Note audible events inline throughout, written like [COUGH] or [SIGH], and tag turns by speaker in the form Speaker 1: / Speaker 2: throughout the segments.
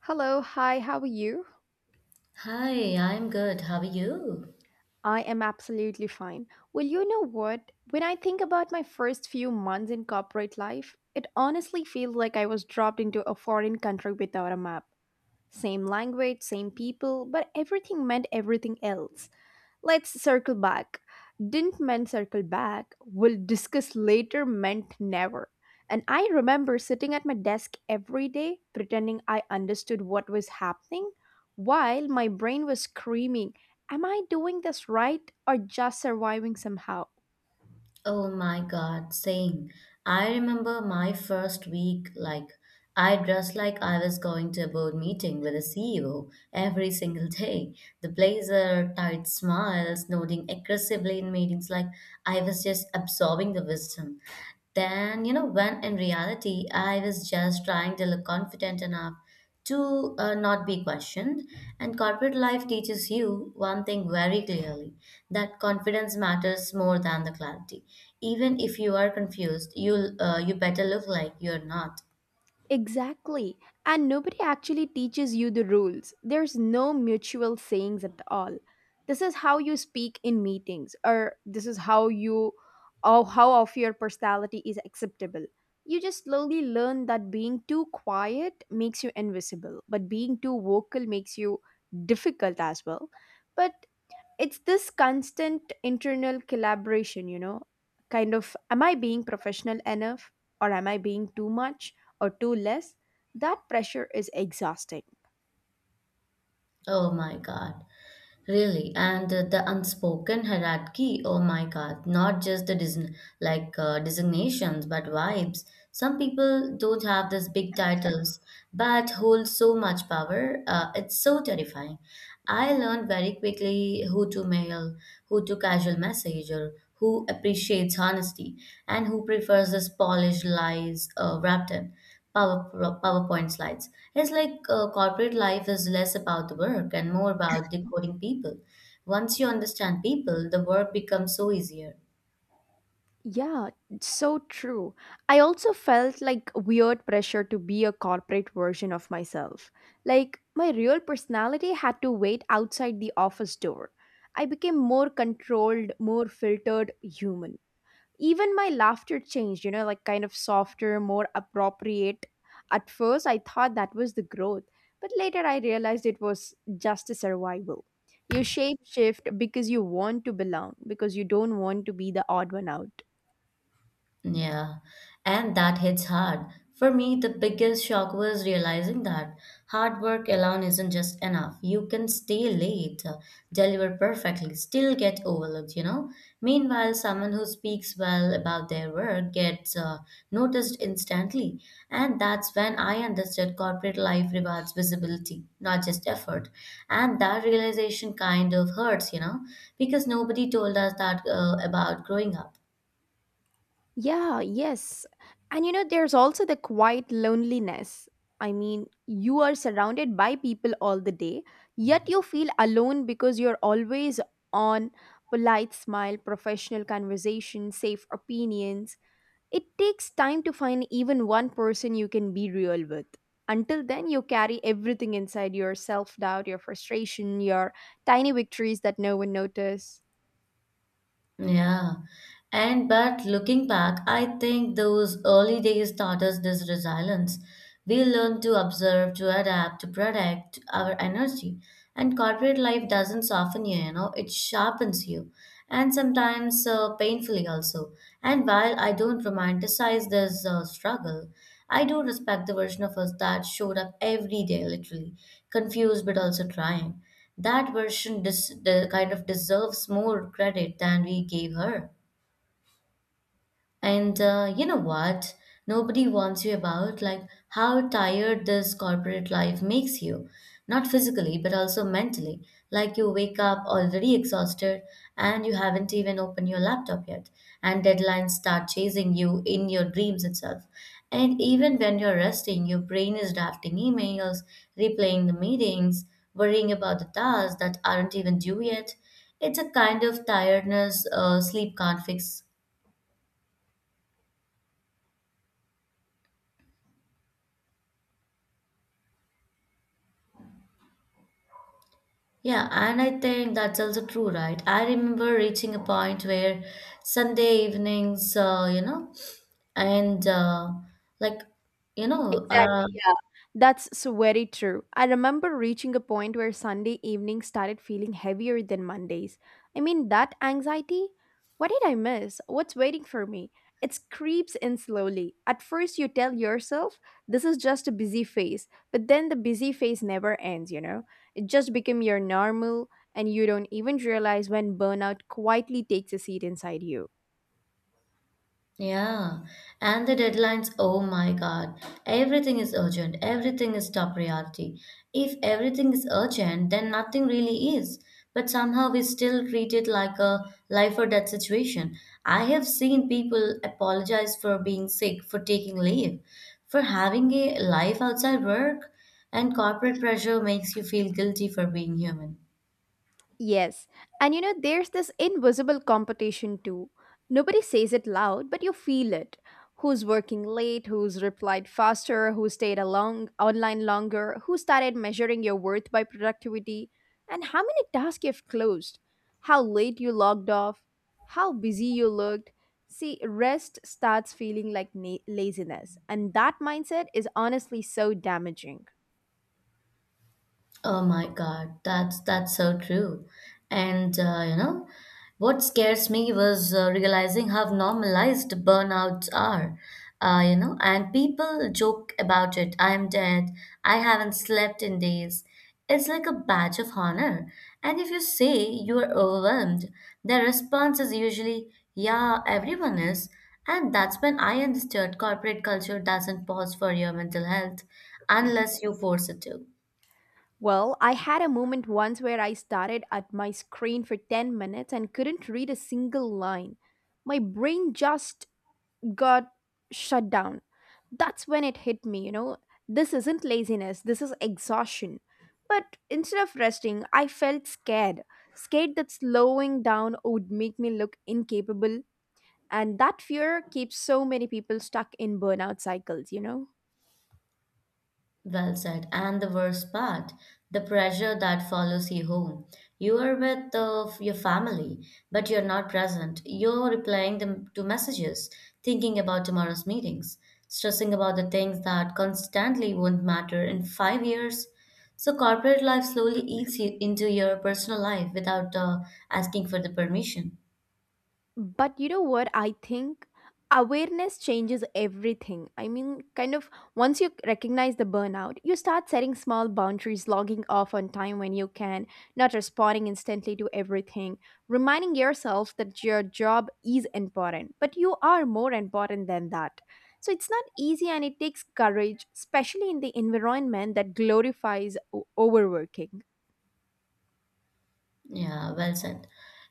Speaker 1: Hello, hi, how are you?
Speaker 2: Hi, I'm good. How are you?
Speaker 1: I am absolutely fine. Well, you know what? When I think about my first few months in corporate life, it honestly feels like I was dropped into a foreign country without a map. Same language, same people, but everything meant everything else. Let's circle back. Didn't meant circle back. We'll discuss later meant never. And I remember sitting at my desk every day pretending I understood what was happening while my brain was screaming, am I doing this right or just surviving somehow?
Speaker 2: Oh my God, same. I remember my first week, like, I dressed like I was going to a board meeting with a CEO every single day. The blazer, tight smiles, nodding aggressively in meetings, like, I was just absorbing the wisdom. Then, you know, when in reality, I was just trying to look confident enough to not be questioned. And corporate life teaches you one thing very clearly that confidence matters more than the clarity. Even if you are confused, you better look like you're not.
Speaker 1: Exactly. And nobody actually teaches you the rules. There's no mutual sayings at all. This is how you speak in meetings, or this is how you, or how of your personality is acceptable. You just slowly learn that being too quiet makes you invisible, but being too vocal makes you difficult as well. But it's this constant internal collaboration, you know, kind of am I being professional enough, or am I being too much or too less? That pressure is exhausting.
Speaker 2: Oh my God. Really, and the unspoken hierarchy, oh my God, not just the design, like designations, but vibes. Some people don't have these big titles, but hold so much power. It's so terrifying. I learned very quickly who to mail, who to casual messenger, who appreciates honesty, and who prefers this polished lies wrapped in. Power, PowerPoint slides. It's like corporate life is less about the work and more about decoding people. Once you understand people, the work becomes so easier.
Speaker 1: Yeah, it's so true. I also felt like weird pressure to be a corporate version of myself, like my real personality had to wait outside the office door. I became more controlled, more filtered human. Even my laughter changed, you know, like kind of softer, more appropriate. At first, I thought that was the growth, but later I realized it was just a survival. You shape shift because you want to belong, because you don't want to be the odd one out.
Speaker 2: Yeah, and that hits hard. For me, the biggest shock was realizing that hard work alone isn't just enough. You can stay late, deliver perfectly, still get overlooked, you know? Meanwhile, someone who speaks well about their work gets noticed instantly. And that's when I understood corporate life rewards visibility, not just effort. And that realization kind of hurts, you know, because nobody told us that about growing up.
Speaker 1: Yeah, yes. And you know, there's also the quiet loneliness. I mean, you are surrounded by people all the day, yet you feel alone because you're always on polite smile, professional conversation, safe opinions. It takes time to find even one person you can be real with. Until then, you carry everything inside, your self doubt, your frustration, your tiny victories that no one notices.
Speaker 2: Yeah. And but looking back, I think those early days taught us this resilience. We learn to observe, to adapt, to protect our energy. And corporate life doesn't soften you, you know, it sharpens you. And sometimes painfully also. And while I don't romanticize this struggle, I do respect the version of us that showed up every day, literally, confused but also trying. That the kind of deserves more credit than we gave her. And you know what? Nobody warns you about like how tired this corporate life makes you, not physically but also mentally. Like you wake up already exhausted and you haven't even opened your laptop yet, and deadlines start chasing you in your dreams itself. And even when you're resting, your brain is drafting emails, replaying the meetings, worrying about the tasks that aren't even due yet. It's a kind of tiredness sleep can't fix. Yeah, and I think that's also true, right? I remember reaching a point where Sunday evenings, you know, and like, you know,
Speaker 1: Exactly, yeah. That's so very true. I remember reaching a point where Sunday evening started feeling heavier than Mondays. I mean, that anxiety? What did I miss? What's waiting for me? It creeps in slowly. At first, you tell yourself this is just a busy phase, but then the busy phase never ends, you know? It just becomes your normal, and you don't even realize when burnout quietly takes a seat inside you.
Speaker 2: yeah, and the deadlines, oh my God, everything is urgent, everything is top priority. If everything is urgent, then nothing really is. But somehow we still treat it like a life or death situation. I have seen people apologize for being sick, for taking leave, for having a life outside work, and corporate pressure makes you feel guilty for being human.
Speaker 1: Yes. And you know, there's this invisible competition too. Nobody says it loud, but you feel it. Who's working late, who's replied faster, who stayed along online longer, who started measuring your worth by productivity, and how many tasks you've closed, how late you logged off, how busy you looked. See, rest starts feeling like laziness, and that mindset is honestly so damaging.
Speaker 2: Oh my God, that's so true. And you know, what scares me was realizing how normalized burnouts are. You know, and people joke about it. I'm dead. I haven't slept in days. It's like a badge of honor. And if you say you're overwhelmed, their response is usually, "Yeah, everyone is." And that's when I understood corporate culture doesn't pause for your mental health unless you force it to.
Speaker 1: Well, I had a moment once where I started at my screen for 10 minutes and couldn't read a single line. My brain just got shut down. That's when it hit me, you know. This isn't laziness, this is exhaustion. But instead of resting, I felt scared. Scared that slowing down would make me look incapable. And that fear keeps so many people stuck in burnout cycles, you know.
Speaker 2: Well said. And the worst part, the pressure that follows you home. You are with your family, but you're not present. You're replying them to messages, thinking about tomorrow's meetings, stressing about the things that constantly won't matter in 5 years. So corporate life slowly eats you into your personal life without asking for the permission.
Speaker 1: But you know what? I think awareness changes everything. I mean, kind of once you recognize the burnout, you start setting small boundaries, logging off on time when you can, not responding instantly to everything, reminding yourself that your job is important, but you are more important than that. So it's not easy and it takes courage, especially in the environment that glorifies overworking.
Speaker 2: Yeah, well said.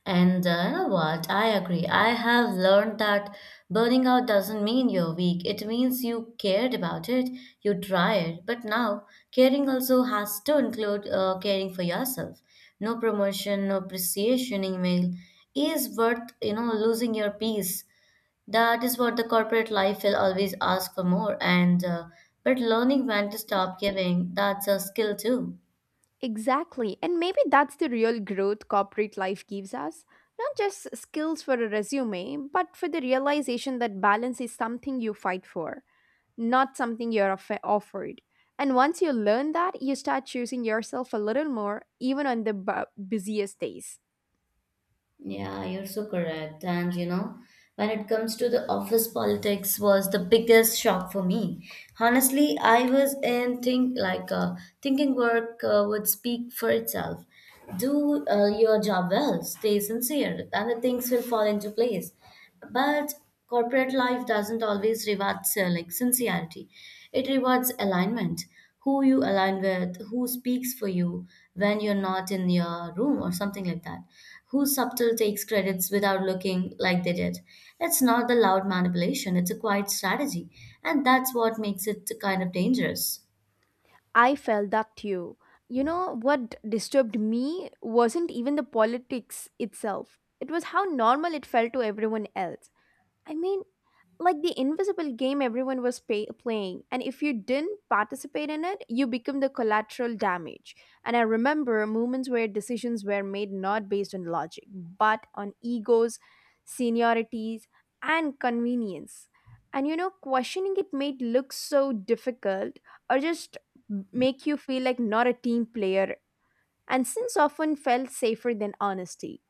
Speaker 2: And you know what? I agree. I have learned that burning out doesn't mean you're weak. It means you cared about it, you tried. But now, caring also has to include caring for yourself. No promotion, no appreciation email is worth, you know, losing your peace. That is what the corporate life will always ask for more. And but learning when to stop giving, that's a skill too.
Speaker 1: Exactly. And maybe that's the real growth corporate life gives us. Not just skills for a resume, but for the realization that balance is something you fight for, not something you're offered. And once you learn that, you start choosing yourself a little more, even on the busiest days.
Speaker 2: Yeah, you're so correct. And you know, when it comes to the office politics was the biggest shock for me. Honestly, I was in think like thinking work would speak for itself. Do your job well, stay sincere, and the things will fall into place. But corporate life doesn't always reward like sincerity. It rewards alignment who you align with, who speaks for you when you're not in your room or something like that, who subtle takes credits without looking like they did. It's not the loud manipulation, it's a quiet strategy, and that's what makes it kind of dangerous.
Speaker 1: I felt that too. You know, what disturbed me wasn't even the politics itself, it was how normal it felt to everyone else. I mean, like the invisible game everyone was playing, and if you didn't participate in it you become the collateral damage. And I remember moments where decisions were made not based on logic, but on egos, seniorities, and convenience. And you know, questioning it made look so difficult, or just make you feel like not a team player, and since often felt safer than honesty.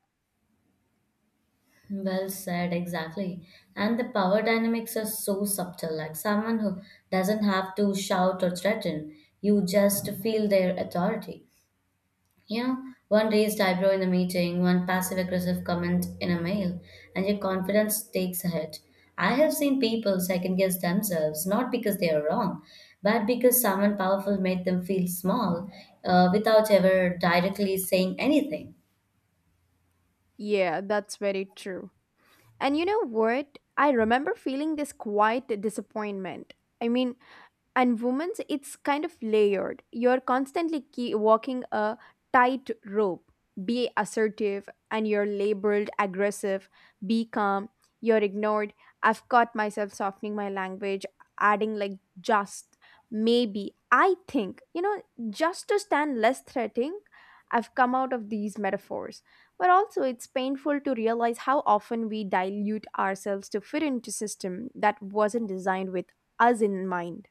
Speaker 2: Well said, exactly. And the power dynamics are so subtle, like someone who doesn't have to shout or threaten, you just feel their authority. You know, one raised eyebrow in a meeting, one passive aggressive comment in a mail, and your confidence takes a hit. I have seen people second guess themselves, not because they are wrong, but because someone powerful made them feel small without ever directly saying anything.
Speaker 1: Yeah, that's very true. And you know what? I remember feeling this quiet disappointment. I mean, and women's it's kind of layered, you're constantly key, walking a tight rope. Be assertive and you're labeled aggressive, be calm you're ignored. I've caught myself softening my language, adding like, just, maybe, I think, you know, just to stand less threatening. I've come out of these metaphors, but also it's painful to realize how often we dilute ourselves to fit into system that wasn't designed with us in mind.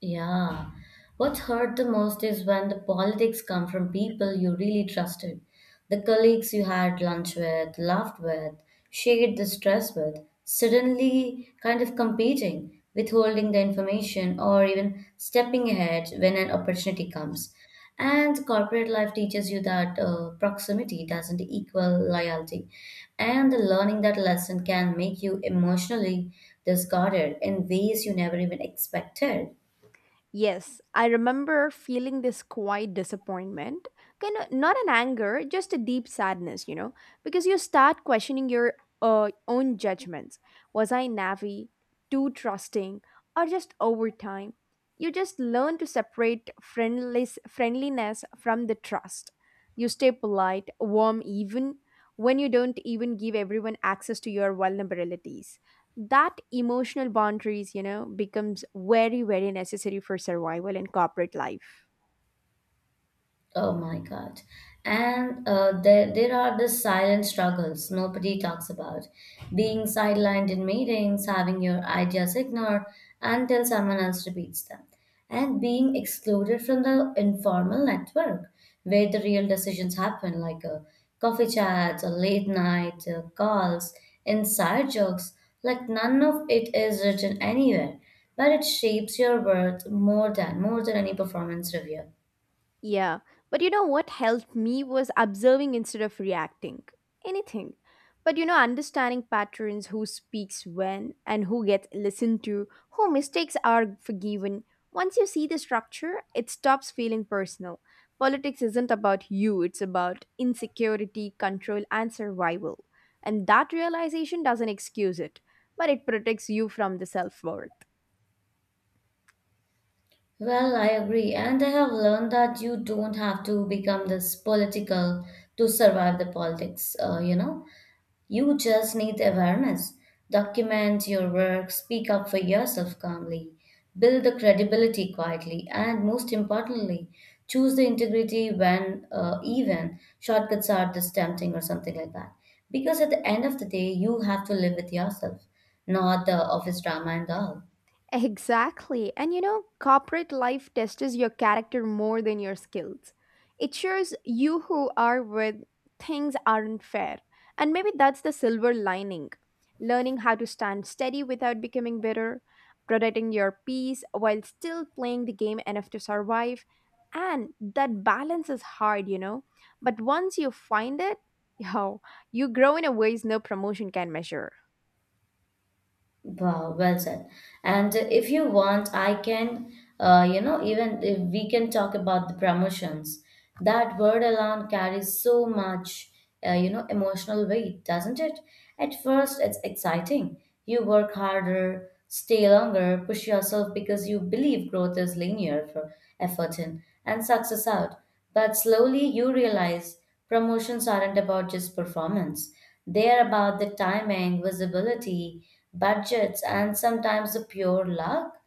Speaker 2: Yeah. What's hurt the most is when the politics come from people you really trusted. The colleagues you had lunch with, laughed with, shared the stress with, suddenly kind of competing, withholding the information, or even stepping ahead when an opportunity comes. And corporate life teaches you that proximity doesn't equal loyalty. And the learning that lesson can make you emotionally discarded in ways you never even expected.
Speaker 1: Yes, I remember feeling this quiet disappointment. Kind of not an anger, just a deep sadness, you know, because you start questioning your own judgments. Was I naive, too trusting, or just over time? You just learn to separate friendless, friendliness from the trust. You stay polite, warm, even when you don't even give everyone access to your vulnerabilities. That emotional boundaries, you know, becomes very very necessary for survival in corporate life.
Speaker 2: Oh my God. And there are the silent struggles nobody talks about. Being sidelined in meetings, having your ideas ignored until someone else repeats them, and being excluded from the informal network where the real decisions happen, like coffee chats or late night calls, inside jokes. Like none of it is written anywhere, but it shapes your worth more than any performance review.
Speaker 1: Yeah, but you know what helped me was observing instead of reacting. Anything. But you know, understanding patterns, who speaks when and who gets listened to, who mistakes are forgiven. Once you see the structure, it stops feeling personal. Politics isn't about you, it's about insecurity, control, and survival. And that realization doesn't excuse it, but it protects you from the self worth.
Speaker 2: Well, I agree. And I have learned that you don't have to become this political to survive the politics, you know. You just need awareness. Document your work, speak up for yourself calmly, build the credibility quietly, and most importantly, choose the integrity when even shortcuts are just tempting or something like that. Because at the end of the day, you have to live with yourself, not the office drama and all.
Speaker 1: Exactly. And you know, corporate life tests your character more than your skills. It shows you who are with things aren't fair. And maybe that's the silver lining. Learning how to stand steady without becoming bitter, protecting your peace while still playing the game enough to survive. And that balance is hard, you know. But once you find it, [LAUGHS] yo, you grow in a ways no promotion can measure.
Speaker 2: Wow, well said. And if you want, I can, you know, even if we can talk about the promotions. That word alone carries so much, you know, emotional weight, doesn't it? At first, it's exciting. You work harder, stay longer, push yourself because you believe growth is linear for effort in and success out. But slowly you realize promotions aren't about just performance. They are about the timing, visibility, budgets, and sometimes the pure luck.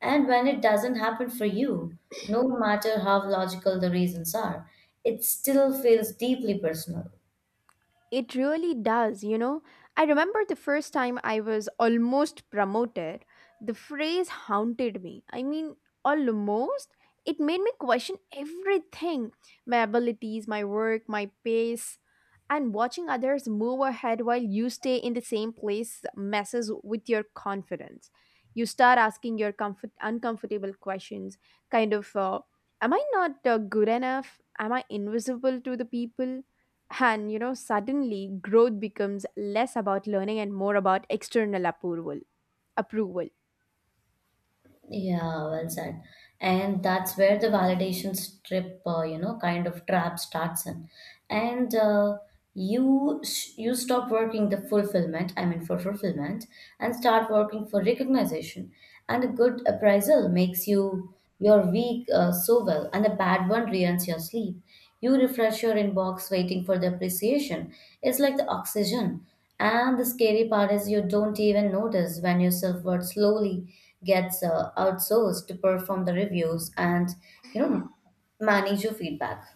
Speaker 2: And when it doesn't happen for you, no matter how logical the reasons are, it still feels deeply personal.
Speaker 1: It really does, you know. I remember the first time I was almost promoted, the phrase haunted me. I mean, almost? It made me question everything, my abilities, my work, my pace. And watching others move ahead while you stay in the same place messes with your confidence. You start asking your comfort, uncomfortable questions, kind of, uh, am I not good enough? Am I invisible to the people? And you know, suddenly growth becomes less about learning and more about external approval. Approval.
Speaker 2: Yeah, well said. And that's where the validation kind of trap starts in. And you stop working the fulfillment, I mean for fulfillment, and start working for recognition. And a good appraisal makes you your week so well, and a bad one ruins your sleep. You refresh your inbox waiting for the appreciation. It's like the oxygen. And the scary part is you don't even notice when your self-worth slowly gets outsourced to perform the reviews and, you know, manage your feedback.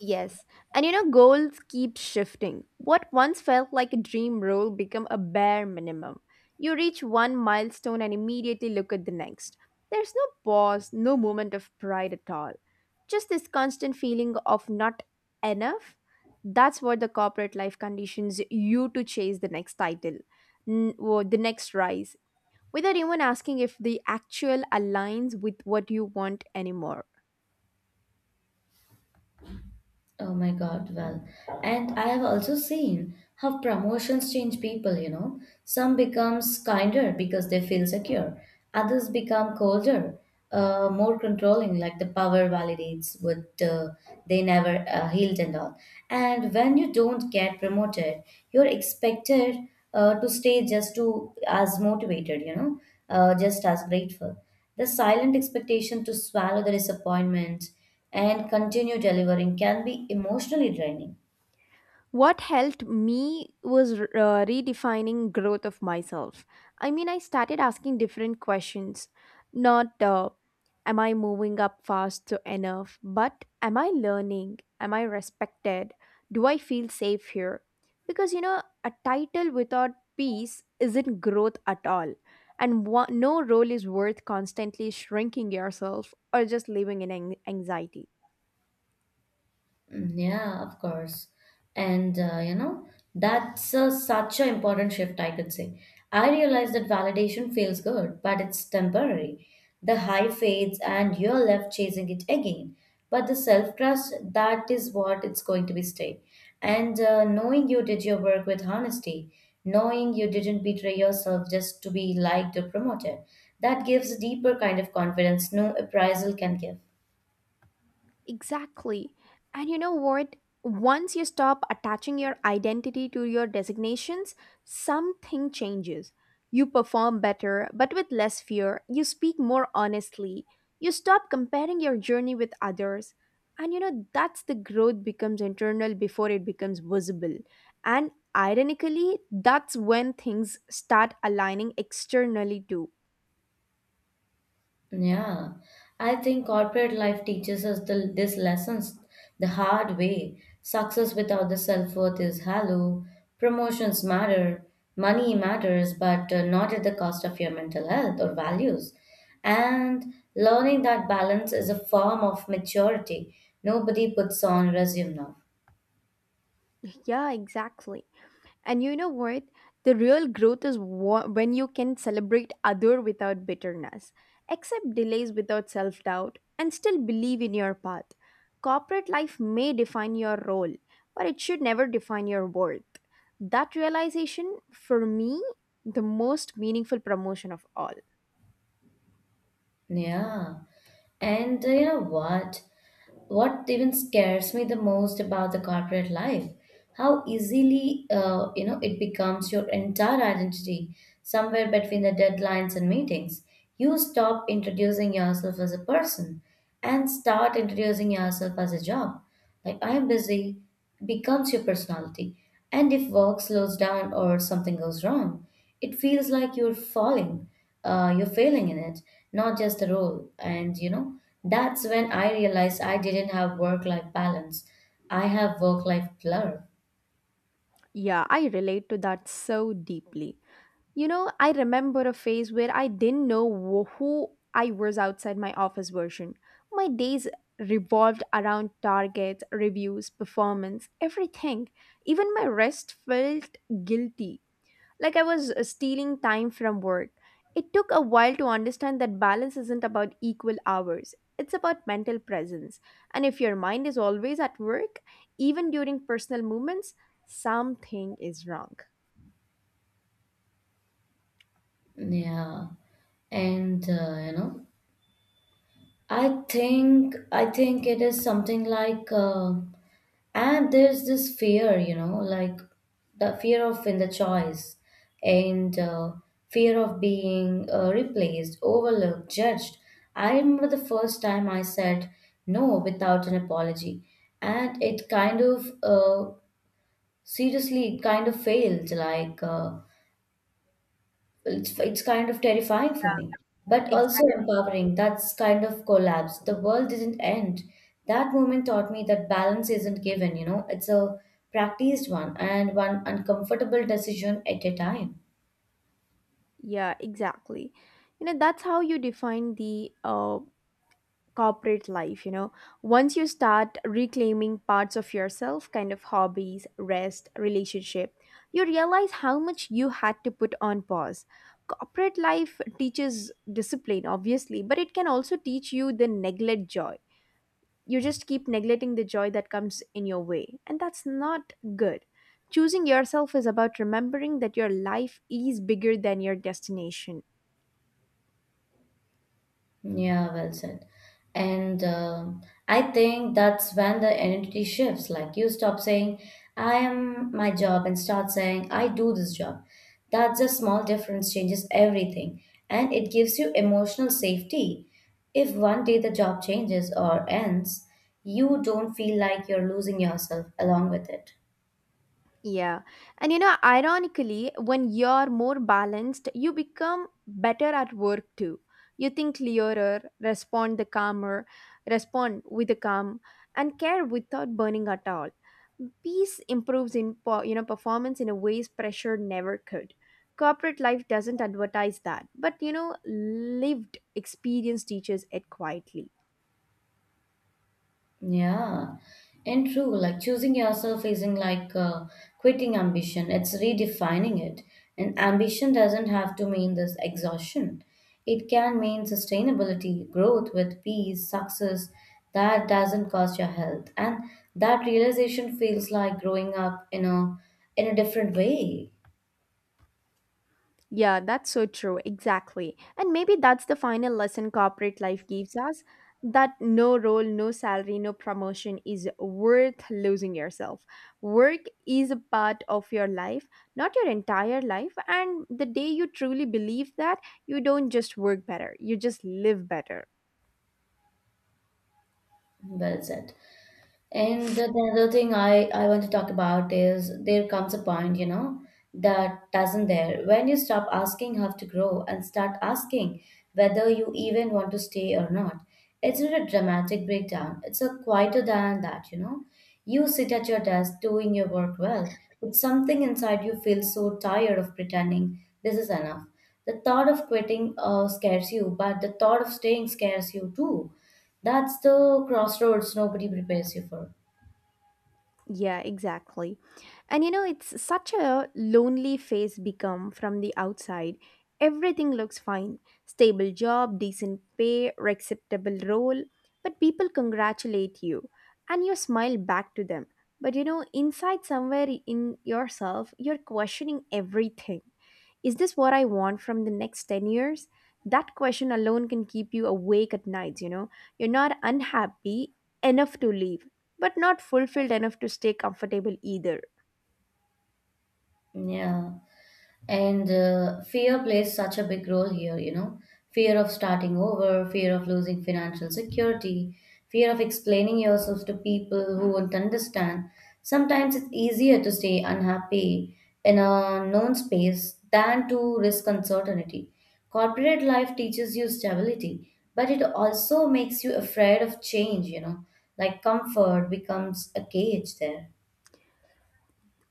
Speaker 1: Yes. And you know, goals keep shifting. What once felt like a dream role become a bare minimum. You reach one milestone and immediately look at the next. There's no pause, no moment of pride at all. Just this constant feeling of not enough. That's what the corporate life conditions you to chase the next title, or the next rise, without even asking if the actual aligns with what you want anymore.
Speaker 2: Oh my God, well, and I have also seen how promotions change people, you know. Some becomes kinder because they feel secure. Others become colder, more controlling, like the power validates what they never healed and all. And when you don't get promoted, you're expected to stay just to as motivated, you know, just as grateful. The silent expectation to swallow the disappointment and continue delivering can be emotionally draining.
Speaker 1: What helped me was redefining growth of myself. I mean, I started asking different questions. Not am I moving up fast enough, but am I learning, am I respected, do I feel safe here? Because you know, a title without peace isn't growth at all. And no role is worth constantly shrinking yourself or just living in anxiety.
Speaker 2: Mm, yeah, of course. And you know, that's such an important shift, I could say. I realize that validation feels good, but it's temporary. The high fades and you're left chasing it again. But the self-trust, that is what it's going to be stay. And knowing you did your work with honesty, knowing you didn't betray yourself just to be liked or promoted, that gives a deeper kind of confidence no appraisal can give.
Speaker 1: Exactly. And you know what? Once you stop attaching your identity to your designations, something changes. You perform better, but with less fear. You speak more honestly. You stop comparing your journey with others. And you know, that's the growth becomes internal before it becomes visible. And ironically, that's when things start aligning externally too.
Speaker 2: Yeah, I think corporate life teaches us this lessons the hard way. Success without the self-worth is hollow. Promotions matter, money matters, but not at the cost of your mental health or values. And learning that balance is a form of maturity. Nobody puts on resume now.
Speaker 1: [LAUGHS] Yeah, exactly. And you know what? The real growth is when you can celebrate other without bitterness, accept delays without self doubt, and still believe in your path. Corporate life may define your role, but it should never define your worth. That realization, for me, the most meaningful promotion of all.
Speaker 2: Yeah. And you know what? What even scares me the most about the corporate life, how easily it becomes your entire identity. Somewhere between the deadlines and meetings, you stop introducing yourself as a person and start introducing yourself as a job. Like, "I am busy" becomes your personality. And if work slows down or something goes wrong, it feels like you're falling, you're failing in it, not just a role. And that's when I realized I didn't have work life balance, I have work life blur.
Speaker 1: Yeah, I relate to that so deeply. You know, I remember a phase where I didn't know who I was outside my office version. My days revolved around targets, reviews, performance, everything. Even my rest felt guilty, like I was stealing time from work. It took a while to understand that balance isn't about equal hours. It's about mental presence. And if your mind is always at work, even during personal moments, something is wrong.
Speaker 2: Yeah. And I think it is something like, and there's this fear, you know, like the fear of in the choice. And Fear of being, replaced, overlooked, judged. I remember the first time I said no without an apology, and it kind of, seriously, it kind of failed, like, it's kind of terrifying for me, but also
Speaker 1: Exactly.
Speaker 2: empowering. That's kind of collapse. The world didn't end. That moment taught me that balance isn't given, you know, it's a practiced one, and one uncomfortable decision at a time.
Speaker 1: Yeah, exactly. You know, that's how you define the corporate life. You know, once you start reclaiming parts of yourself, kind of hobbies, rest, relationship, you realize how much you had to put on pause. Corporate life teaches discipline, obviously, but it can also teach you the neglect joy. You just keep neglecting the joy that comes in your way, and that's not good. Choosing yourself is about remembering that your life is bigger than your destination.
Speaker 2: Yeah, well said. And I think that's when the identity shifts. Like, you stop saying, "I am my job," and start saying, "I do this job." That's a small difference, changes everything. And it gives you emotional safety. If one day the job changes or ends, you don't feel like you're losing yourself along with it.
Speaker 1: Yeah. And you know, ironically, when you're more balanced, you become better at work too. You think clearer, respond with the calm, and care without burning at all. Peace improves in performance in a ways pressure never could. Corporate life doesn't advertise that, but you know, lived experience teaches it quietly.
Speaker 2: Yeah, and true. Like, choosing yourself isn't like, quitting ambition, it's redefining it. And ambition doesn't have to mean this exhaustion, it can mean sustainability, growth with peace, success that doesn't cost your health. And that realization feels like growing up in a different way.
Speaker 1: Yeah, that's so true. Exactly. And maybe that's the final lesson corporate life gives us that no role, no salary, no promotion is worth losing yourself. Work is a part of your life, not your entire life. And the day you truly believe that, you don't just work better, you just live better.
Speaker 2: Well said. And the other thing I want to talk about is, there comes a point, you know, that doesn't there. When you stop asking how to grow and start asking whether you even want to stay or not, it's not a dramatic breakdown. It's a quieter than that, you know. You sit at your desk doing your work well, but something inside you feels so tired of pretending this is enough. The thought of quitting scares you, but the thought of staying scares you too. That's the crossroads nobody prepares you for.
Speaker 1: Yeah, exactly. And you know, it's such a lonely phase become from the outside. Everything looks fine, stable job, decent pay, acceptable role, but people congratulate you and you smile back to them. But you know, inside somewhere in yourself, you're questioning everything. Is this what I want from the next 10 years? That question alone can keep you awake at nights, you know. You're not unhappy enough to leave, but not fulfilled enough to stay comfortable either.
Speaker 2: Yeah. And Fear plays such a big role here, you know. Fear of starting over, fear of losing financial security, fear of explaining yourself to people who won't understand. Sometimes it's easier to stay unhappy in a known space than to risk uncertainty. Corporate life teaches you stability, but it also makes you afraid of change, you know. Like, comfort becomes a cage there.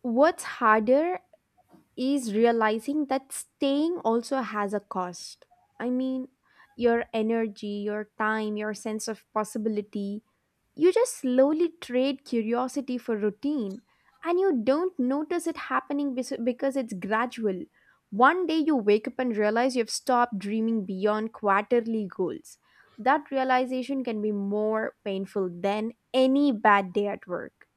Speaker 1: What's harder is realizing that staying also has a cost. I mean, your energy, your time, your sense of possibility. You just slowly trade curiosity for routine and you don't notice it happening because it's gradual. One day you wake up and realize you've stopped dreaming beyond quarterly goals. That realization can be more painful than any bad day at work.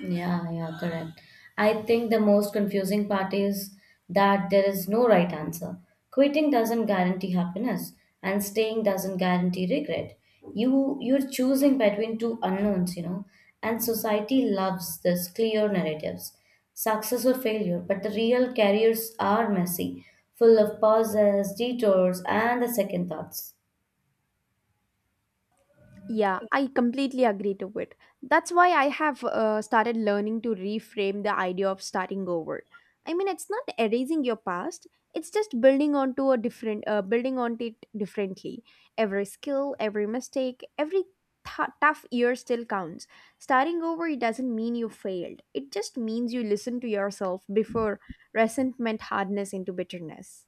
Speaker 2: Yeah, yeah, correct. I think the most confusing part is that there is no right answer. Quitting doesn't guarantee happiness, and staying doesn't guarantee regret. You're choosing between two unknowns, you know, and society loves this clear narratives. Success or failure, but the real careers are messy, full of pauses, detours, and the second thoughts.
Speaker 1: Yeah, I completely agree to it. That's why I have started learning to reframe the idea of starting over. I mean, it's not erasing your past; it's just building on it differently. Every skill, every mistake, every tough year still counts. Starting over, it doesn't mean you failed. It just means you listen to yourself before resentment hardness into bitterness.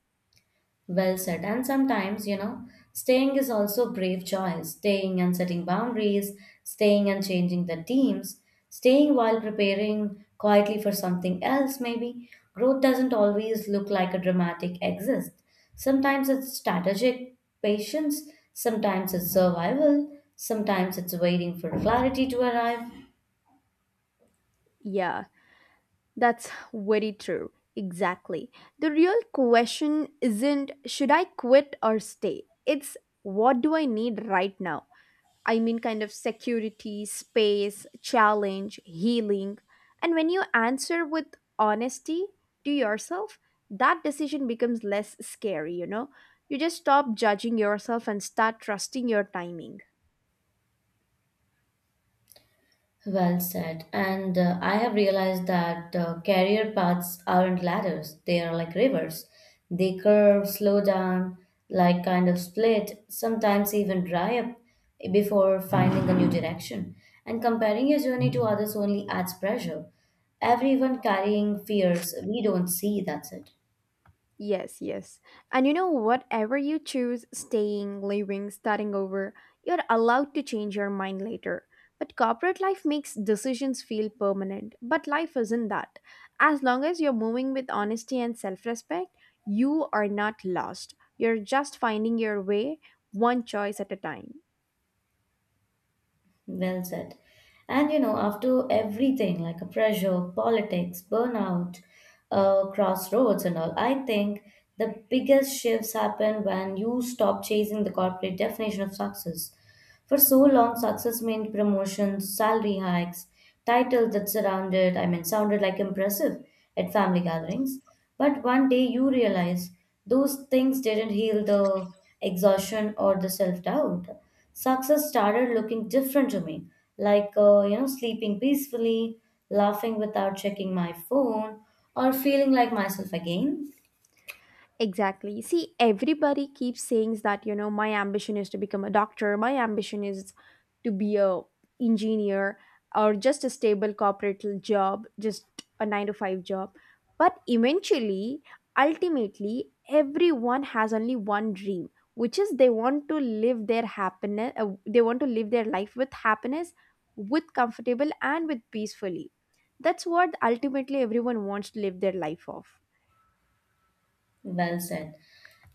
Speaker 2: Well said. And sometimes, you know, staying is also brave choice. Staying and setting boundaries, staying and changing the teams, staying while preparing quietly for something else, maybe. Growth doesn't always look like a dramatic exit. Sometimes it's strategic patience, sometimes it's survival, sometimes it's waiting for clarity to arrive.
Speaker 1: Yeah, that's very true. Exactly. The real question isn't should I quit or stay? It's what do I need right now? I mean, kind of security, space, challenge, healing. And when you answer with honesty to yourself, that decision becomes less scary, you know? You just stop judging yourself and start trusting your timing.
Speaker 2: Well said. And I have realized that career paths aren't ladders, they are like rivers. They curve, slow down, like kind of split, sometimes even dry up before finding a new direction. And comparing your journey to others only adds pressure. Everyone carrying fears we don't see, that's it.
Speaker 1: Yes, yes. And you know, whatever you choose, staying, leaving, starting over, you're allowed to change your mind later. But corporate life makes decisions feel permanent. But life isn't that. As long as you're moving with honesty and self respect, you are not lost. You're just finding your way one choice at a time.
Speaker 2: Well said. And you know, after everything like a pressure, politics, burnout, crossroads, and all, I think the biggest shifts happen when you stop chasing the corporate definition of success. For so long, success meant promotions, salary hikes, titles that surrounded, I mean, sounded like impressive at family gatherings. But one day you realize those things didn't heal the exhaustion or the self doubt. Success started looking different to me, like, you know, sleeping peacefully, laughing without checking my phone, or feeling like myself again.
Speaker 1: Exactly. See, everybody keeps saying that, you know, my ambition is to become a doctor, my ambition is to be a engineer or just a stable job, just a 9 to 5 job. But eventually, ultimately, everyone has only one dream, which is they want to live their they want to live their life with happiness, with comfortable and with peacefully. That's what ultimately everyone wants to live their life of.
Speaker 2: Well said.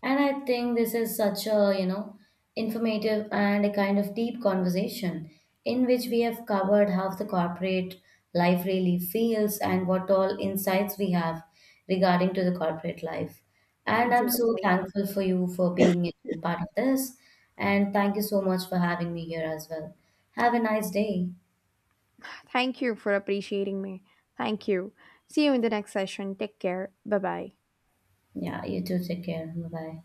Speaker 2: And I think this is such a, you know, informative and a kind of deep conversation in which we have covered how the corporate life really feels and what all insights we have regarding to the corporate life. And I'm so
Speaker 1: Exactly.
Speaker 2: thankful for you for being a part of this. And thank you so much for having me here as well. Have a nice day.
Speaker 1: Thank you for appreciating me. Thank you. See you in the next session. Take care. Bye bye.
Speaker 2: Yeah, you too. Take care. Bye bye.